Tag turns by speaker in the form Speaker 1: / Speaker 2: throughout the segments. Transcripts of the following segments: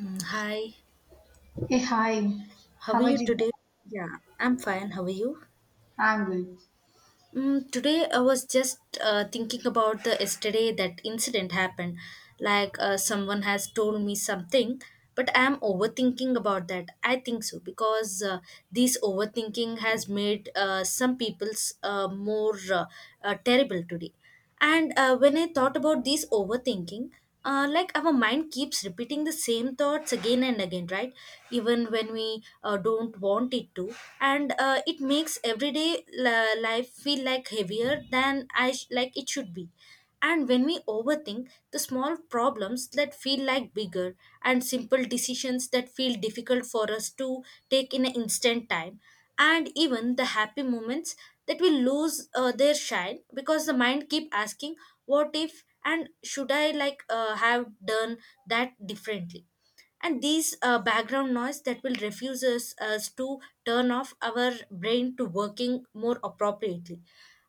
Speaker 1: Hi,
Speaker 2: Hey, hi.
Speaker 1: how
Speaker 2: How
Speaker 1: are
Speaker 2: are you
Speaker 1: you
Speaker 2: doing?
Speaker 1: today? Yeah, I'm fine. How are you?
Speaker 2: I'm good.
Speaker 1: Today I was just thinking about the yesterday that incident happened. Like someone has told me something, but I am overthinking about that. I think so because this overthinking has made some people's more terrible today. And when I thought about this overthinking, like our mind keeps repeating the same thoughts again and again, right? Even when we don't want it to. And it makes everyday la life feel like heavier than like it should be. And when we overthink, the small problems that feel like bigger and simple decisions that feel difficult for us to take in an instant time, and even the happy moments that will lose their shine because the mind keep asking what if and should I like have done that differently, and these background noise that will refuses us to turn off our brain to working more appropriately,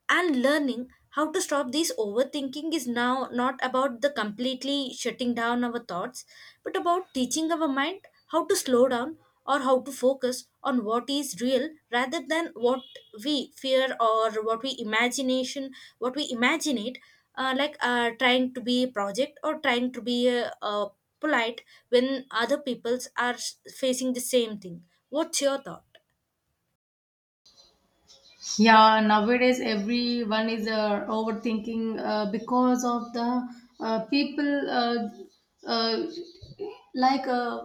Speaker 1: and learning how to stop these overthinking is now not about the completely shutting down our thoughts but about teaching our mind how to slow down or how to focus on what is real rather than what we fear or what we imagination, what we imagine it, trying to be project or trying to be polite when other peoples are facing the same thing. What's your thought?
Speaker 2: Yeah, nowadays everyone is overthinking because of the people uh, like uh,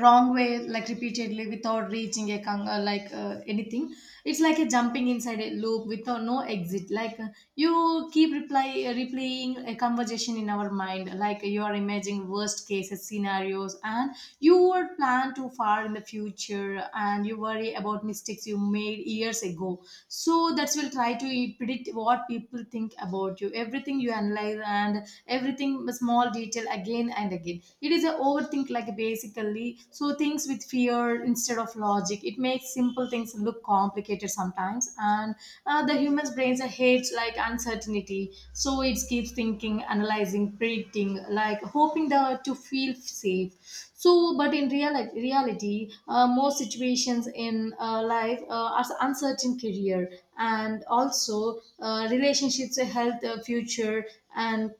Speaker 2: wrong way, like repeatedly without reaching a anything. It's like a jumping inside a loop without no exit, like you keep reply replaying a conversation in our mind, like you are imagining worst cases scenarios, and you would plan too far in the future and you worry about mistakes you made years ago. So that's will try to predict what people think about you, everything you analyze and everything small detail again and again. It is a overthink, like basically so things with fear instead of logic. It makes simple things look complicated sometimes, and the human's brains hates like uncertainty, so it keeps thinking, analyzing, predicting, like hoping the to feel safe. So, but in real reality, most situations in life are uncertain, career and also relationships, health, future, and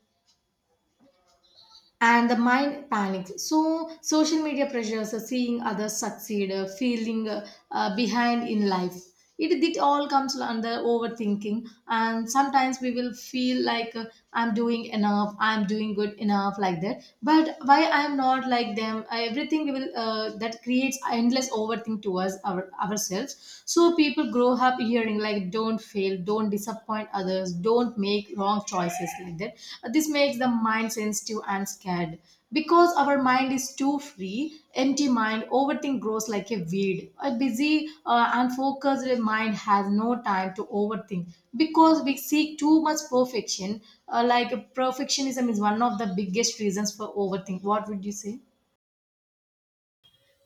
Speaker 2: and the mind panics, so social media pressures, seeing others succeed, feeling behind in life. It all comes under overthinking, and sometimes we will feel like I'm doing enough, I'm doing good enough, like that, but why I'm not like them, everything we will that creates endless overthink to us, ourselves. So people grow up hearing thing like don't fail, don't disappoint others, don't make wrong choices, like that. This makes the mind sensitive and scared because our mind is too free. Empty mind overthink grows like a weed. A busy and focused mind has no time to overthink because we seek too much perfection. Perfectionism is one of the biggest reasons for overthink. What would you say?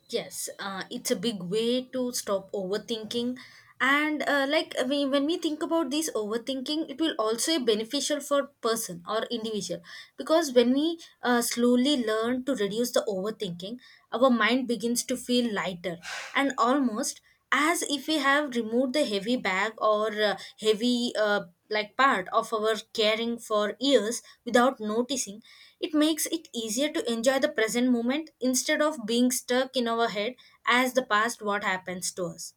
Speaker 1: Yes, it's a big way to stop overthinking. And like when we think about this overthinking it will also be beneficial for person or individual, because when we slowly learn to reduce the overthinking our mind begins to feel lighter, and almost as if we have removed the heavy bag or heavy like part of our caring for years without noticing. It makes it easier to enjoy the present moment instead of being stuck in our head as the past what happens to us,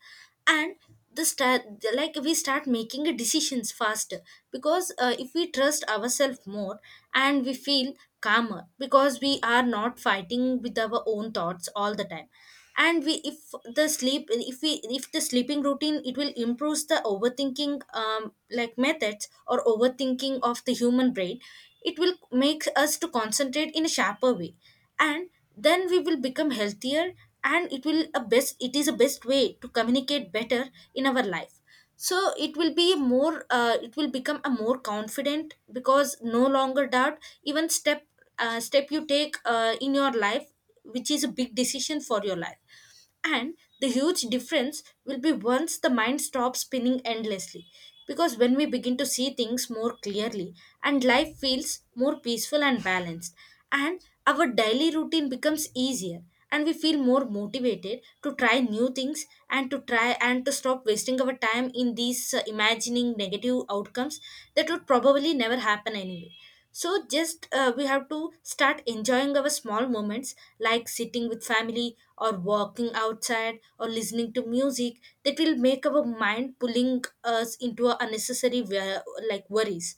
Speaker 1: and the start, like we start making decisions faster because if we trust ourselves more, and we feel calmer because we are not fighting with our own thoughts all the time. And we, if the sleep, if the sleeping routine, it will improve the overthinking like methods or overthinking of the human brain. It will make us to concentrate in a sharper way, and then we will become healthier, and it will a best it is a best way to communicate better in our life. So it will be more it will become a more confident because no longer doubt even step you take in your life, which is a big decision for your life. And the huge difference will be once the mind stops spinning endlessly, because when we begin to see things more clearly and life feels more peaceful and balanced, and our daily routine becomes easier, and we feel more motivated to try new things, and to try and to stop wasting our time in these imagining negative outcomes that would probably never happen anyway. So just we have to start enjoying our small moments, like sitting with family or walking outside or listening to music, that will make our mind pulling us into a unnecessary like worries.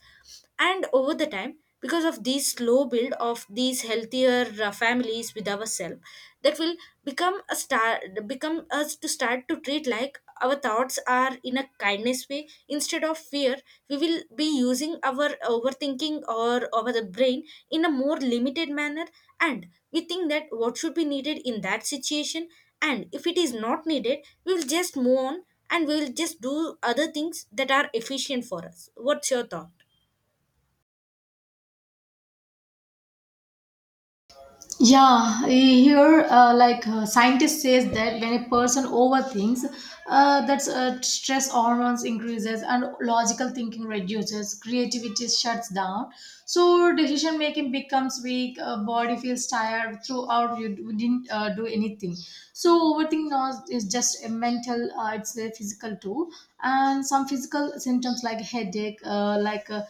Speaker 1: And over the time, because of these slow build of these healthier families with ourselves, that will become a start, become us to start to treat like our thoughts are in a kindness way instead of fear. We will be using our overthinking or over the brain in a more limited manner, and we think that what should be needed in that situation, and if it is not needed, we will just move on, and we will just do other things that are efficient for us. What's your thought?
Speaker 2: Yeah, here, scientists says that when a person overthinks, that's stress hormones increases and logical thinking reduces, creativity shuts down. So decision making becomes weak, body feels tired throughout. We didn't do anything. So overthinking now is just a mental. It's a physical too, and some physical symptoms like headache, uh, like. Uh,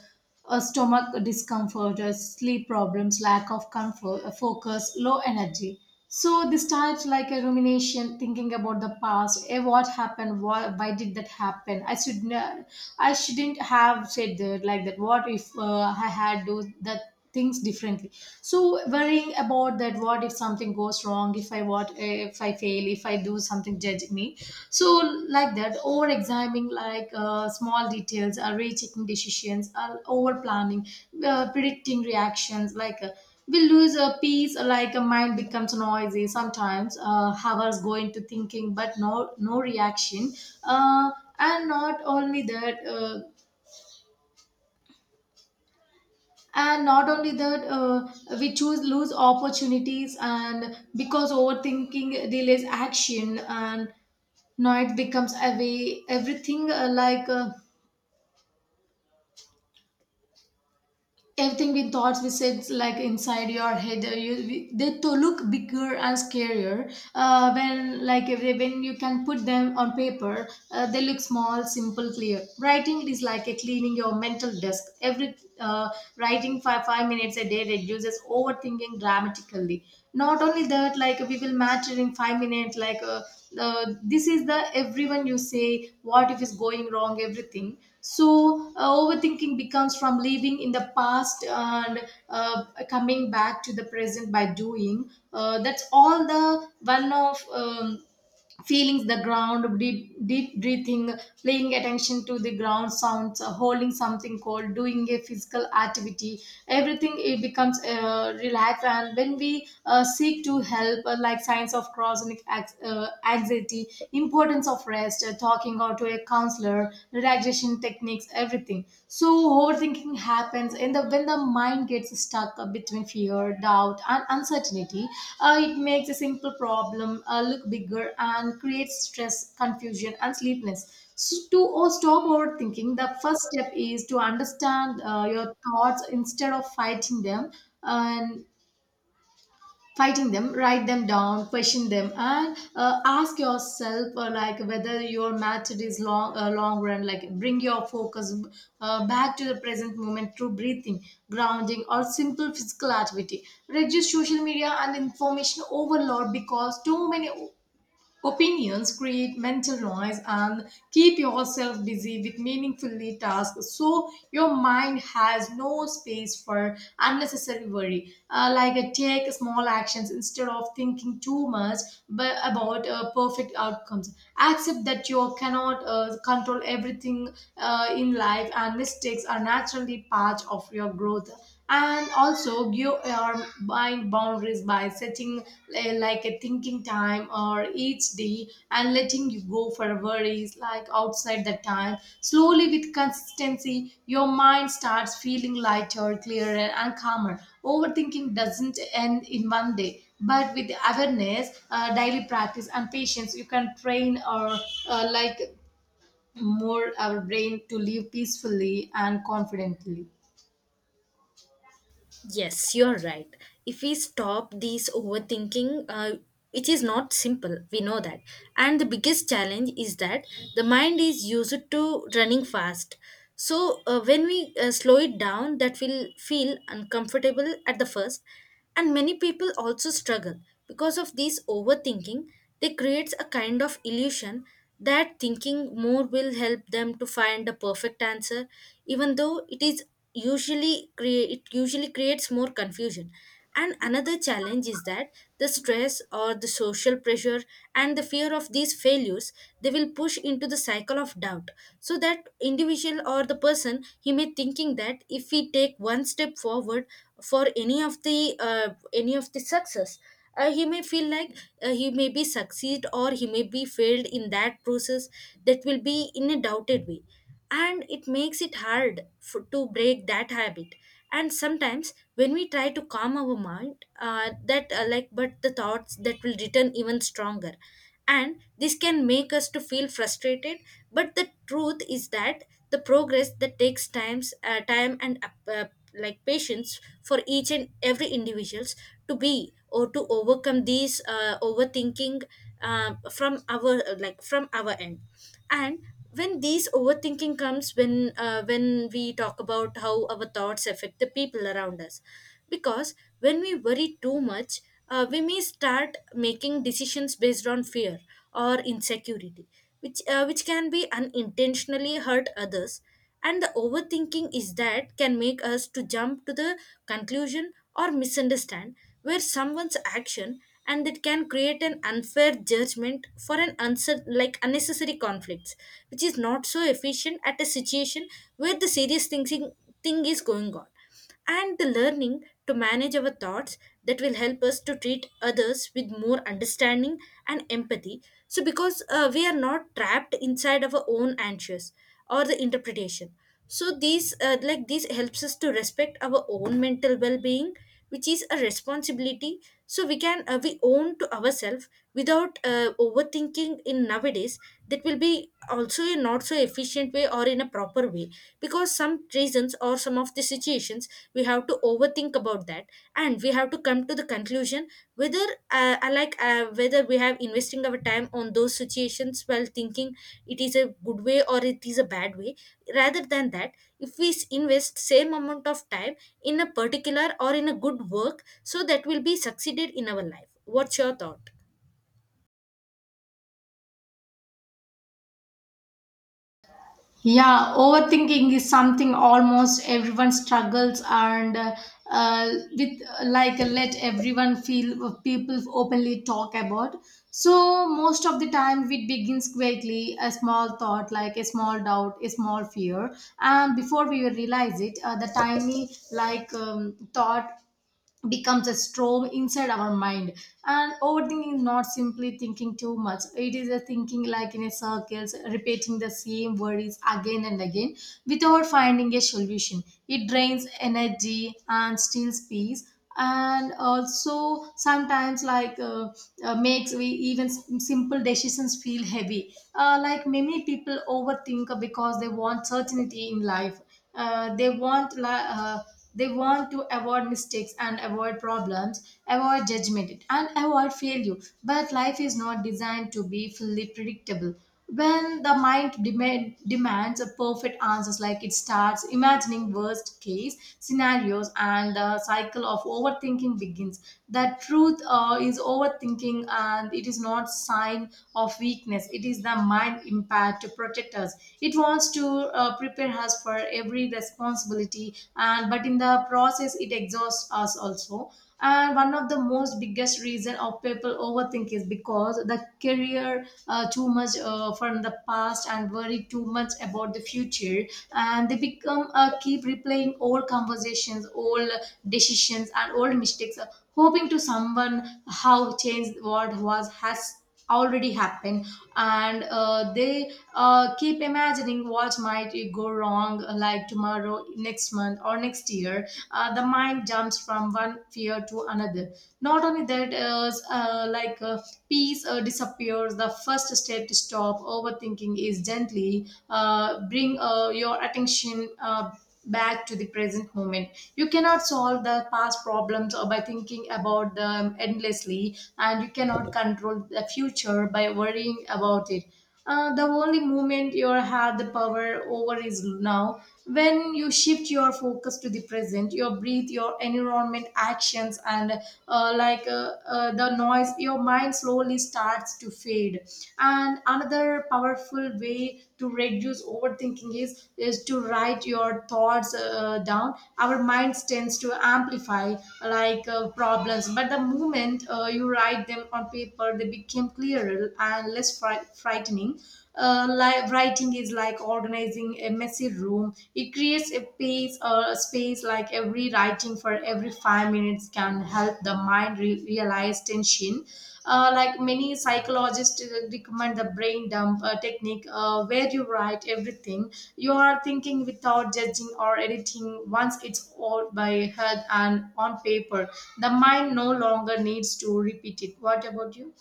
Speaker 2: uh, stomach discomfort, sleep problems, lack of comfort, focus, low energy. So this starts like a rumination, thinking about the past. What happened? Why did that happen? I shouldn't have said that like that. What if I had do that things differently? So worrying about that, what if something goes wrong, if I, what if I fail, if I do something judge me. So like that, over examining like small details, or rechecking decisions, or over planning, predicting reactions, like we lose a piece, like a mind becomes noisy, sometimes hours go into thinking but no reaction. uh, and not only that uh, and not only that, we choose lose opportunities, and because overthinking delays action, and now it becomes a way, everything everything we thoughts we said, like inside your head, they to look bigger and scarier, when like if they- when you can put them on paper, they look small, simple, clear. Writing is like a cleaning your mental desk. Every uh, Writing five minutes a day reduces overthinking dramatically. Not only that, like we will matter in 5 minutes, like this is the everyone you say what if is going wrong, everything. So overthinking becomes from living in the past, and uh, coming back to the present by doing that's all, the one of feeling the ground, deep, deep breathing, paying attention to the ground sounds, holding something cold, doing a physical activity. Everything it becomes relaxed. And when we seek to help, signs of chronic anxiety, importance of rest, talking out to a counselor, relaxation techniques, everything. So overthinking happens, and when the mind gets stuck between fear, doubt, and uncertainty, it makes a simple problem look bigger and creates stress, confusion, and sleeplessness. So to stop overthinking, the first step is to understand your thoughts instead of fighting them. And fighting them, write them down, question them, and ask yourself like whether your method is long, long run, like bring your focus back to the present moment through breathing, grounding, or simple physical activity. Reduce social media and information overload, because too many opinions create mental noise, and keep yourself busy with meaningfully tasks so your mind has no space for unnecessary worry. Take small actions instead of thinking too much, but about perfect outcomes. Accept that you cannot control everything in life, and mistakes are naturally part of your growth, and also give your mind boundaries by setting like a thinking time or each day, and letting you go for worries like outside the time. Slowly, with consistency, your mind starts feeling lighter, clearer, and calmer. Overthinking doesn't end in one day, but with awareness, daily practice, and patience you can train or uh, like more our brain to live peacefully and confidently.
Speaker 1: Yes, you're right. If we stop these overthinking, it is not simple. We know that. And the biggest challenge is that the mind is used to running fast. So when we slow it down, that will feel uncomfortable at the first. And many people also struggle because of this overthinking. They creates a kind of illusion that thinking more will help them to find a perfect answer, even though it is usually creates more confusion. And another challenge is that the stress or the social pressure and the fear of these failures, they will push into the cycle of doubt, so that individual or the person he may thinking that if we take one step forward for uh, any of the success, he may feel like he may be succeed or he may be failed in that process, that will be in a doubted way, and it makes it hard for, to break that habit. And sometimes when we try to calm our mind, that like but the thoughts that will return even stronger, and this can make us to feel frustrated. But the truth is that the progress that takes time and like patience for each and every individuals to be or to overcome these overthinking from our like from our end. And when these overthinking comes, when we talk about how our thoughts affect the people around us, because when we worry too much, we may start making decisions based on fear or insecurity, which can be unintentionally hurt others. And the overthinking is that can make us to jump to the conclusion or misunderstand where someone's action, and it can create an unfair judgment for an answer like unnecessary conflicts, which is not so efficient at a situation where the serious thinking thing is going on. And the learning to manage our thoughts, that will help us to treat others with more understanding and empathy, so because we are not trapped inside our own anxious or the interpretation. So these like this helps us to respect our own mental well-being, which is a responsibility, so we can we own to ourselves. Without overthinking in nowadays, that will be also a not so efficient way or in a proper way, because some reasons or some of the situations we have to overthink about that, and we have to come to the conclusion decision whether I like whether we have investing our time on those situations while thinking it is a good way or it is a bad way, rather than that, if we invest same amount of time in a particular or in a good work, so that will be succeeded in our life. What's your thought?
Speaker 2: Yeah, overthinking is something almost everyone struggles and uh, with, like let everyone feel people openly talk about. So most of the time it begins quickly a small thought, like a small doubt, a small fear, and before we realize it, the tiny like thought becomes a storm inside our mind. And overthinking is not simply thinking too much, it is a thinking like in a circles, repeating the same worries again and again without finding a solution. It drains energy and steals peace. And also sometimes like makes we even simple decisions feel heavy. Like many people overthink because they want certainty in life. uh, they want li- uh, they want to avoid mistakes and avoid problems, avoid judgment, and avoid failure. But life is not designed to be fully predictable. When the mind demands a perfect answers, like it starts imagining worst case scenarios, and the cycle of overthinking begins. The truth is overthinking, and it is not sign of weakness, it is the mind impact to protect us. It wants to prepare us for every responsibility, and but in the process it exhausts us also. And one of the most biggest reason of people overthink is because the career too much from the past, and worry too much about the future. And they become keep replaying old conversations, old decisions, and old mistakes, hoping to someone how change what was has already happened. And they keep imagining what might it go wrong, like tomorrow, next month, or next year. The mind jumps from one fear to another. Not only that is peace disappears. The first step to stop overthinking is gently bring your attention back to the present moment. You cannot solve the past problems or by thinking about them endlessly, and you cannot control the future by worrying about it. The only moment you have the power over is now. When you shift your focus to the present, your breath, your environment, actions, and the noise, your mind slows slowly starts to fade. And another powerful way to reduce overthinking is to write your thoughts down. Our minds tends to amplify problems, but the moment you write them on paper they become clearer and less frightening. Writing is like organizing a messy room, it creates a space like every writing for every 5 minutes can help the mind realize tension. Many psychologists recommend the brain dump technique where you write everything you are thinking without judging or editing. Once it's all by head and on paper, the mind no longer needs to repeat it. What about you?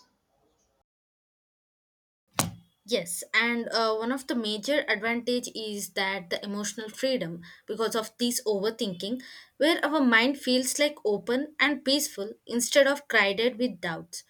Speaker 1: Yes, and one of the major advantage is that the emotional freedom because of this overthinking, where our mind feels like open and peaceful instead of crowded with doubts.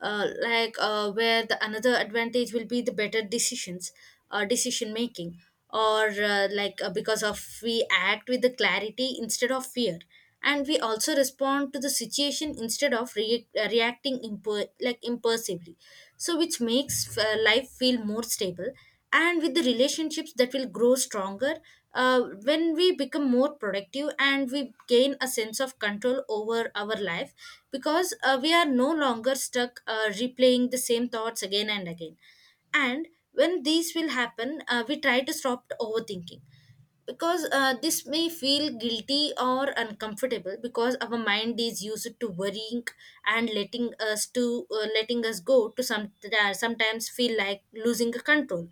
Speaker 1: Where the another advantage will be the better decision making, or because of we act with the clarity instead of fear, and we also respond to the situation instead of reacting like impulsively, so which makes life feel more stable, and with the relationships that will grow stronger, when we become more productive and we gain a sense of control over our life, because we are no longer stuck replaying the same thoughts again and again. And when these will happen, we try to stop overthinking, because this may feel guilty or uncomfortable because our mind is used to worrying, and letting us to letting us go to some sometimes feel like losing control.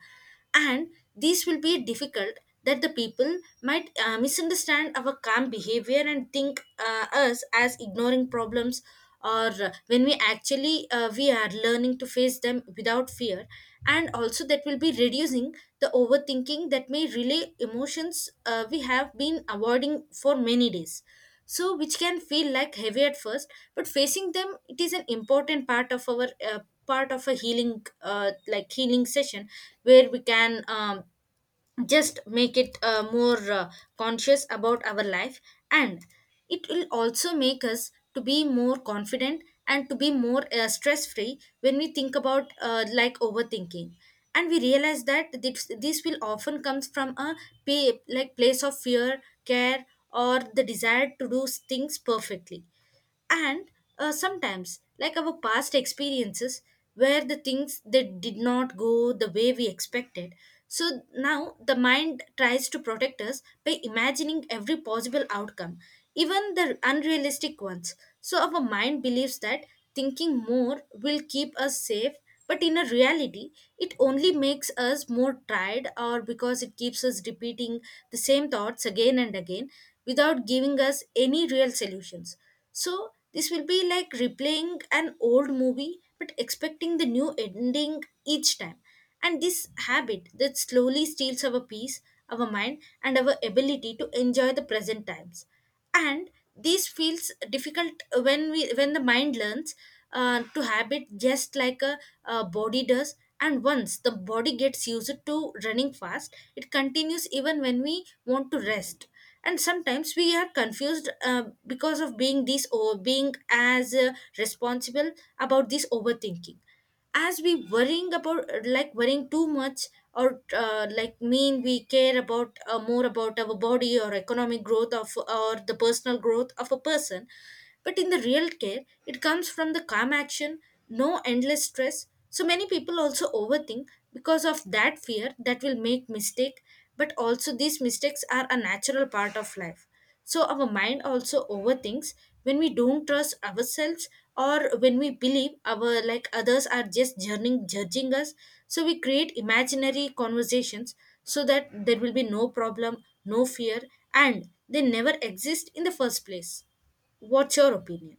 Speaker 1: And these will be difficult, that the people might misunderstand our calm behavior and think us as ignoring problems, or when we actually we are learning to face them without fear. And also that will be reducing the overthinking that may relay emotions we have been avoiding for many days, so which can feel like heavy at first, but facing them, it is an important part of our part of a healing like healing session, where we can just make it more conscious about our life. And it will also make us to be more confident and to be more stress free. When we think about like overthinking, and we realize that this will often comes from a like place of fear care or the desire to do things perfectly. And sometimes like our past experiences, where the things that did not go the way we expected, so now the mind tries to protect us by imagining every possible outcome, even the unrealistic ones, so our mind believes that thinking more will keep us safe. But in a reality, it only makes us more tired, or because it keeps us repeating the same thoughts again And again, without giving us any real solutions. So this will be like replaying an old movie but expecting the new ending each time. And this habit that slowly steals our peace, our mind, and our ability to enjoy the present times. And this feels difficult when we when the mind learns to habit just like a body does. And once the body gets used to running fast, it continues even when we want to rest, and sometimes we are confused because of being this or being as responsible about this overthinking, as we worrying about like worrying too much, or like mean we care about more about our body or economic growth of or the personal growth of a person. But in the real care, it comes from the calm action, no endless stress. So many people also overthink because of that fear that will make mistake, but also these mistakes are a natural part of life. So our mind also overthinks when we don't trust ourselves, or when we believe our like others are just judging us. So we create imaginary conversations so that there will be no problem, no fear, and they never exist in the first place. What's your opinion?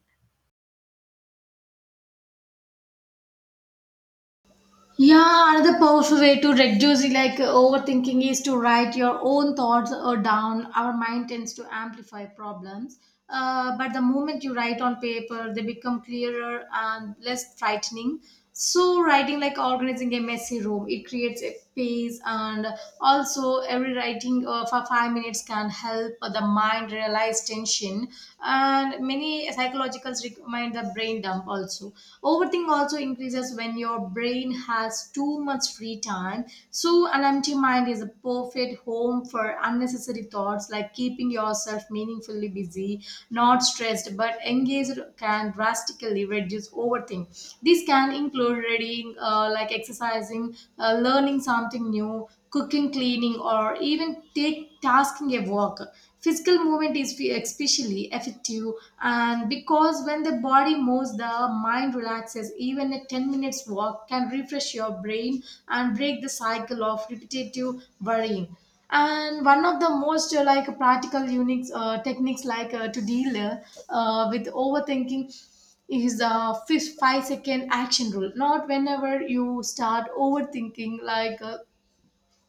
Speaker 2: Yeah, another powerful way to reduce like overthinking is to write your own thoughts down. Our mind tends to amplify problems, but the moment you write on paper, they become clearer and less frightening. So, writing like organizing a messy room, it creates a space, and also every writing for 5 minutes can help the mind realize tension, and many psychologicals recommend the brain dump also. Overthink also increases when your brain has too much free time. So an empty mind is a perfect home for unnecessary thoughts, like keeping yourself meaningfully busy, not stressed but engaged, can drastically reduce overthink. This can include reading, exercising, learning something new, cooking, cleaning, or even take tasking a walk. Physical movement is especially effective, and because when the body moves, the mind relaxes. Even a 10 minutes walk can refresh your brain and break the cycle of repetitive worrying. And one of the most like practical unix techniques to deal with overthinking is the fifth 5 second action rule. Not whenever you start overthinking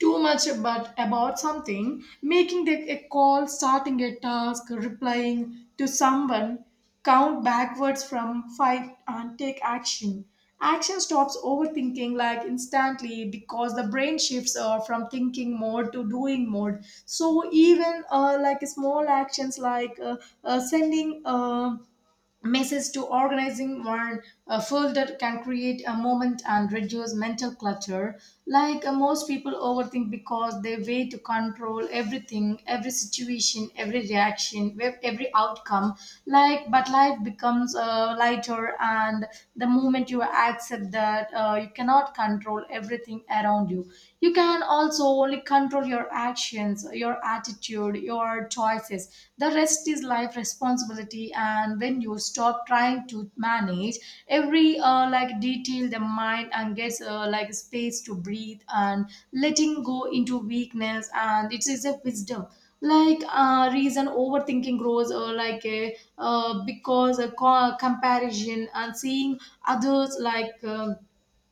Speaker 2: too much, but about something, making the, a call, starting a task, replying to someone, count backwards from five and take action. Action stops overthinking like instantly, because the brain shifts from thinking mode to doing mode. So even like small actions like sending message to organizing one a folder can create a moment and reduce mental clutter. Most people overthink because they wait to control everything, every situation, every reaction, every outcome, like. But life becomes lighter, and the moment you accept that you cannot control everything around you, you can also only control your actions, your attitude, your choices. The rest is life responsibility, and when you stop trying to manage every detail, the mind and gets space to breathe, and letting go into weakness, and it is a wisdom. Reason overthinking grows because a comparison, and seeing others like um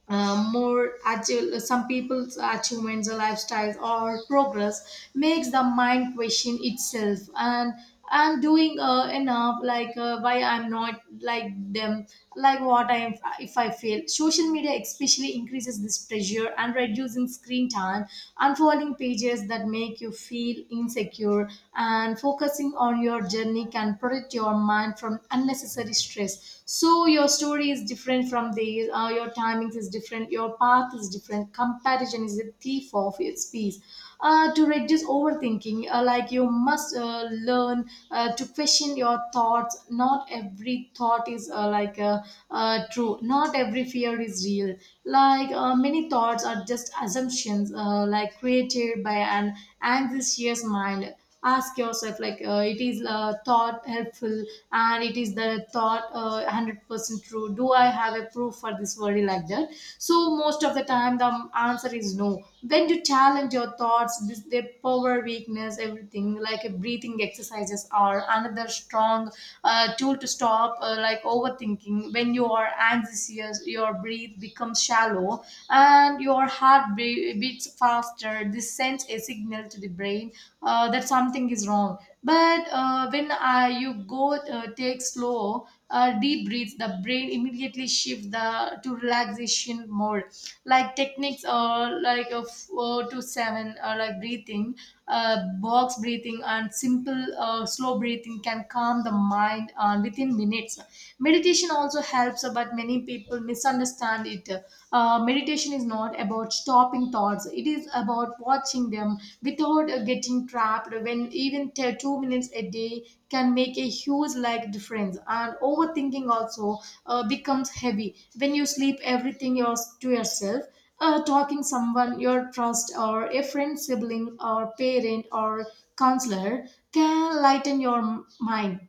Speaker 2: uh, more agile, some people's achievements, lifestyles, or progress makes the mind question itself. And I'm doing enough, why I'm not like them, like what I am if I fail. Social media especially increases this pressure, and reducing screen time, unfolding pages that make you feel insecure, and focusing on your journey can protect your mind from unnecessary stress. So your story is different from these, your timings is different, your path is different, comparison is a thief of its peace. To reduce overthinking, you must learn to question your thoughts. Not every thought is true, not every fear is real. Many thoughts are just assumptions created by an anxious mind. Ask yourself, it is thought helpful, and it is the thought 100% true, do I have a proof for this worry like that. So most of the time the answer is no. When you challenge your thoughts this, their power weakness everything. Like a breathing exercises are another strong tool to stop overthinking. When you are anxious your breath becomes shallow and your heart beats faster. This sends a signal to the brain that something is wrong. But when you go take slow, deep breaths, the brain immediately shifts the to relaxation mode. Like techniques, four to seven, breathing, box breathing, and simple slow breathing can calm the mind within minutes. Meditation also helps, but many people misunderstand it. Meditation is not about stopping thoughts, it is about watching them without getting trapped. When even 2 minutes a day can make a huge like difference. And overthinking also becomes heavy when you sleep everything yours to yourself. Talking someone your trust, or a friend, sibling, or parent, or counselor can lighten your mind.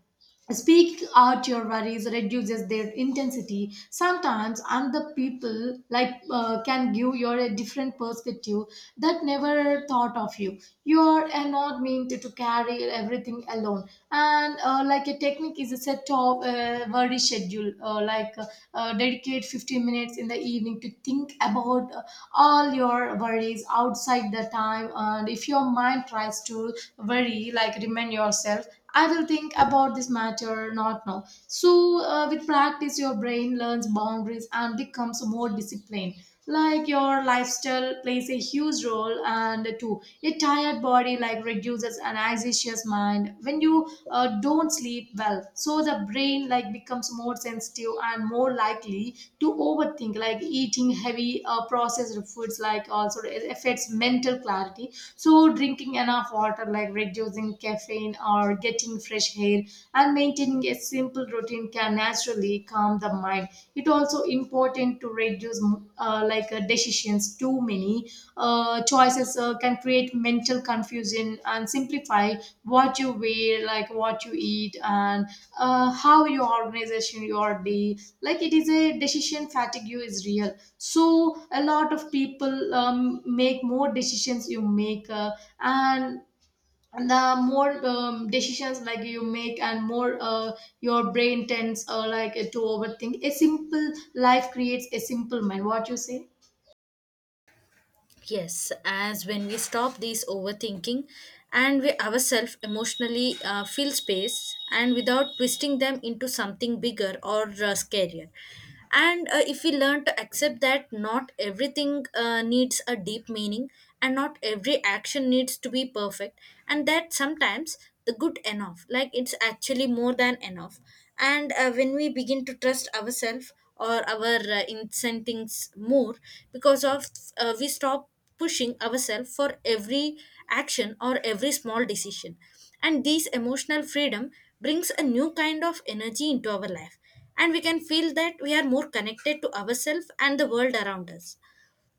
Speaker 2: Speaking out your worries reduces their intensity. Sometimes other people can give you a different perspective that never thought of you. You are not meant to carry everything alone. And a technique is a set of worry schedule, dedicate 15 minutes in the evening to think about all your worries outside the time. And if your mind tries to worry, like remind yourself, I will think about this matter not now. So, with practice, your brain learns boundaries and becomes more disciplined. Like your lifestyle plays a huge role, and too, a tired body like reduces an anxious mind. When you don't sleep well, so the brain like becomes more sensitive and more likely to overthink. Like eating heavy processed foods like also it affects mental clarity. So drinking enough water, like reducing caffeine, or getting fresh air and maintaining a simple routine can naturally calm the mind. It also important to reduce decisions. Too many choices can create mental confusion, and simplify what you wear, like what you eat, and how you organization your day. Like it is a decision fatigue is real. So a lot of people make more decisions you make, and the more decisions like you make, and more your brain tends to overthink. A simple life creates a simple mind. What you say?
Speaker 1: Yes, as when we stop these overthinking and we ourselves emotionally fill space and without twisting them into something bigger or scarier. And if we learn to accept that not everything needs a deep meaning, and not every action needs to be perfect, and that sometimes the good enough like it's actually more than enough. And when we begin to trust ourselves or our incentives more, because of we stop pushing ourselves for every action or every small decision. And this emotional freedom brings a new kind of energy into our life, and we can feel that we are more connected to ourselves and the world around us.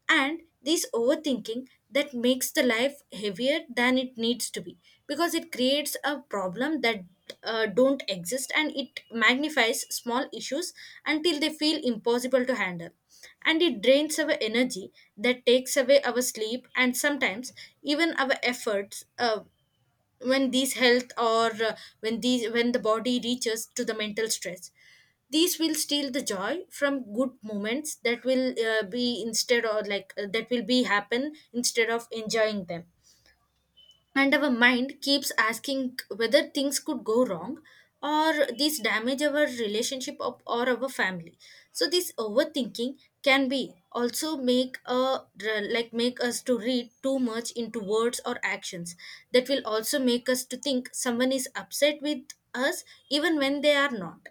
Speaker 1: And this overthinking that makes the life heavier than it needs to be, because it creates a problem that don't exist, and it magnifies small issues until they feel impossible to handle, and it drains our energy, that takes away our sleep, and sometimes even our efforts when these health or when these when the body reaches to the mental stress. These will steal the joy from good moments that will be instead, or like that will be happen instead of enjoying them. And our mind keeps asking whether things could go wrong, or these damage our relationship or our family. So this overthinking can be also make a like make us to read too much into words or actions, that will also make us to think someone is upset with us, even when they are not.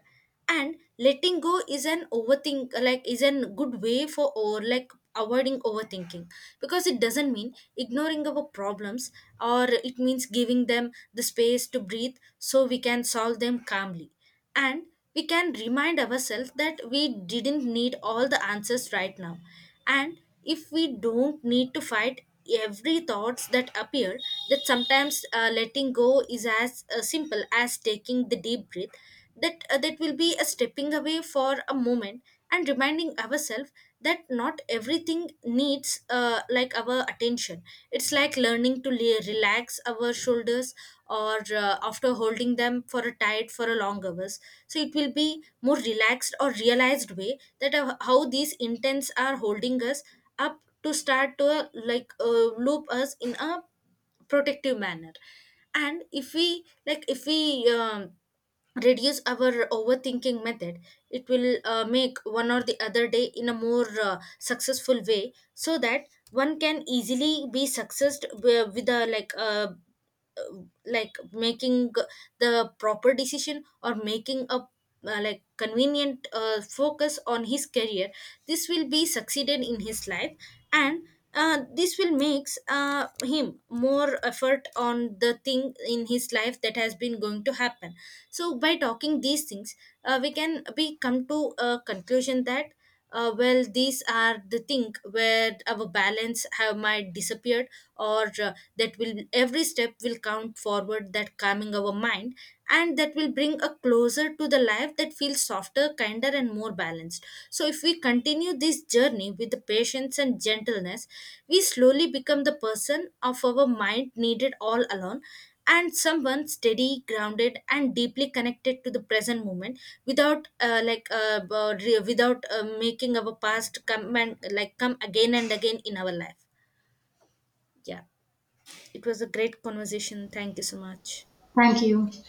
Speaker 1: And letting go is an overthink like is a good way for or like avoiding overthinking, because it doesn't mean ignoring our problems, or it means giving them the space to breathe so we can solve them calmly. And we can remind ourselves that we didn't need all the answers right now. And if we don't need to fight every thoughts that appear, that sometimes letting go is as simple as taking the deep breath, that that will be a stepping away for a moment and reminding ourselves that not everything needs like our attention. It's like learning to relax our shoulders, or after holding them for a tight for a long hours. So it will be more relaxed or realized way that how these intents are holding us up to start to like loop us in a protective manner. And if we like if we um, reduce our overthinking method, it will make one or the other day in a more successful way, so that one can easily be successed with a uh, like making the proper decision, or making a like convenient focus on his career. This will be succeeded in his life. And this will makes him more effort on the thing in his life that has been going to happen. So by talking these things, we can we come to a conclusion that well these are the thing where our balance have might disappear, or that will every step will count forward that calming our mind, and that will bring a closer to the life that feels softer, kinder, and more balanced. So if we continue this journey with the patience and gentleness, we slowly become the person of our mind needed all along, and someone steady, grounded, and deeply connected to the present moment, without without making our past come and like come again and again in our life. Yeah, it was a great conversation. Thank you so much.
Speaker 2: Thank you.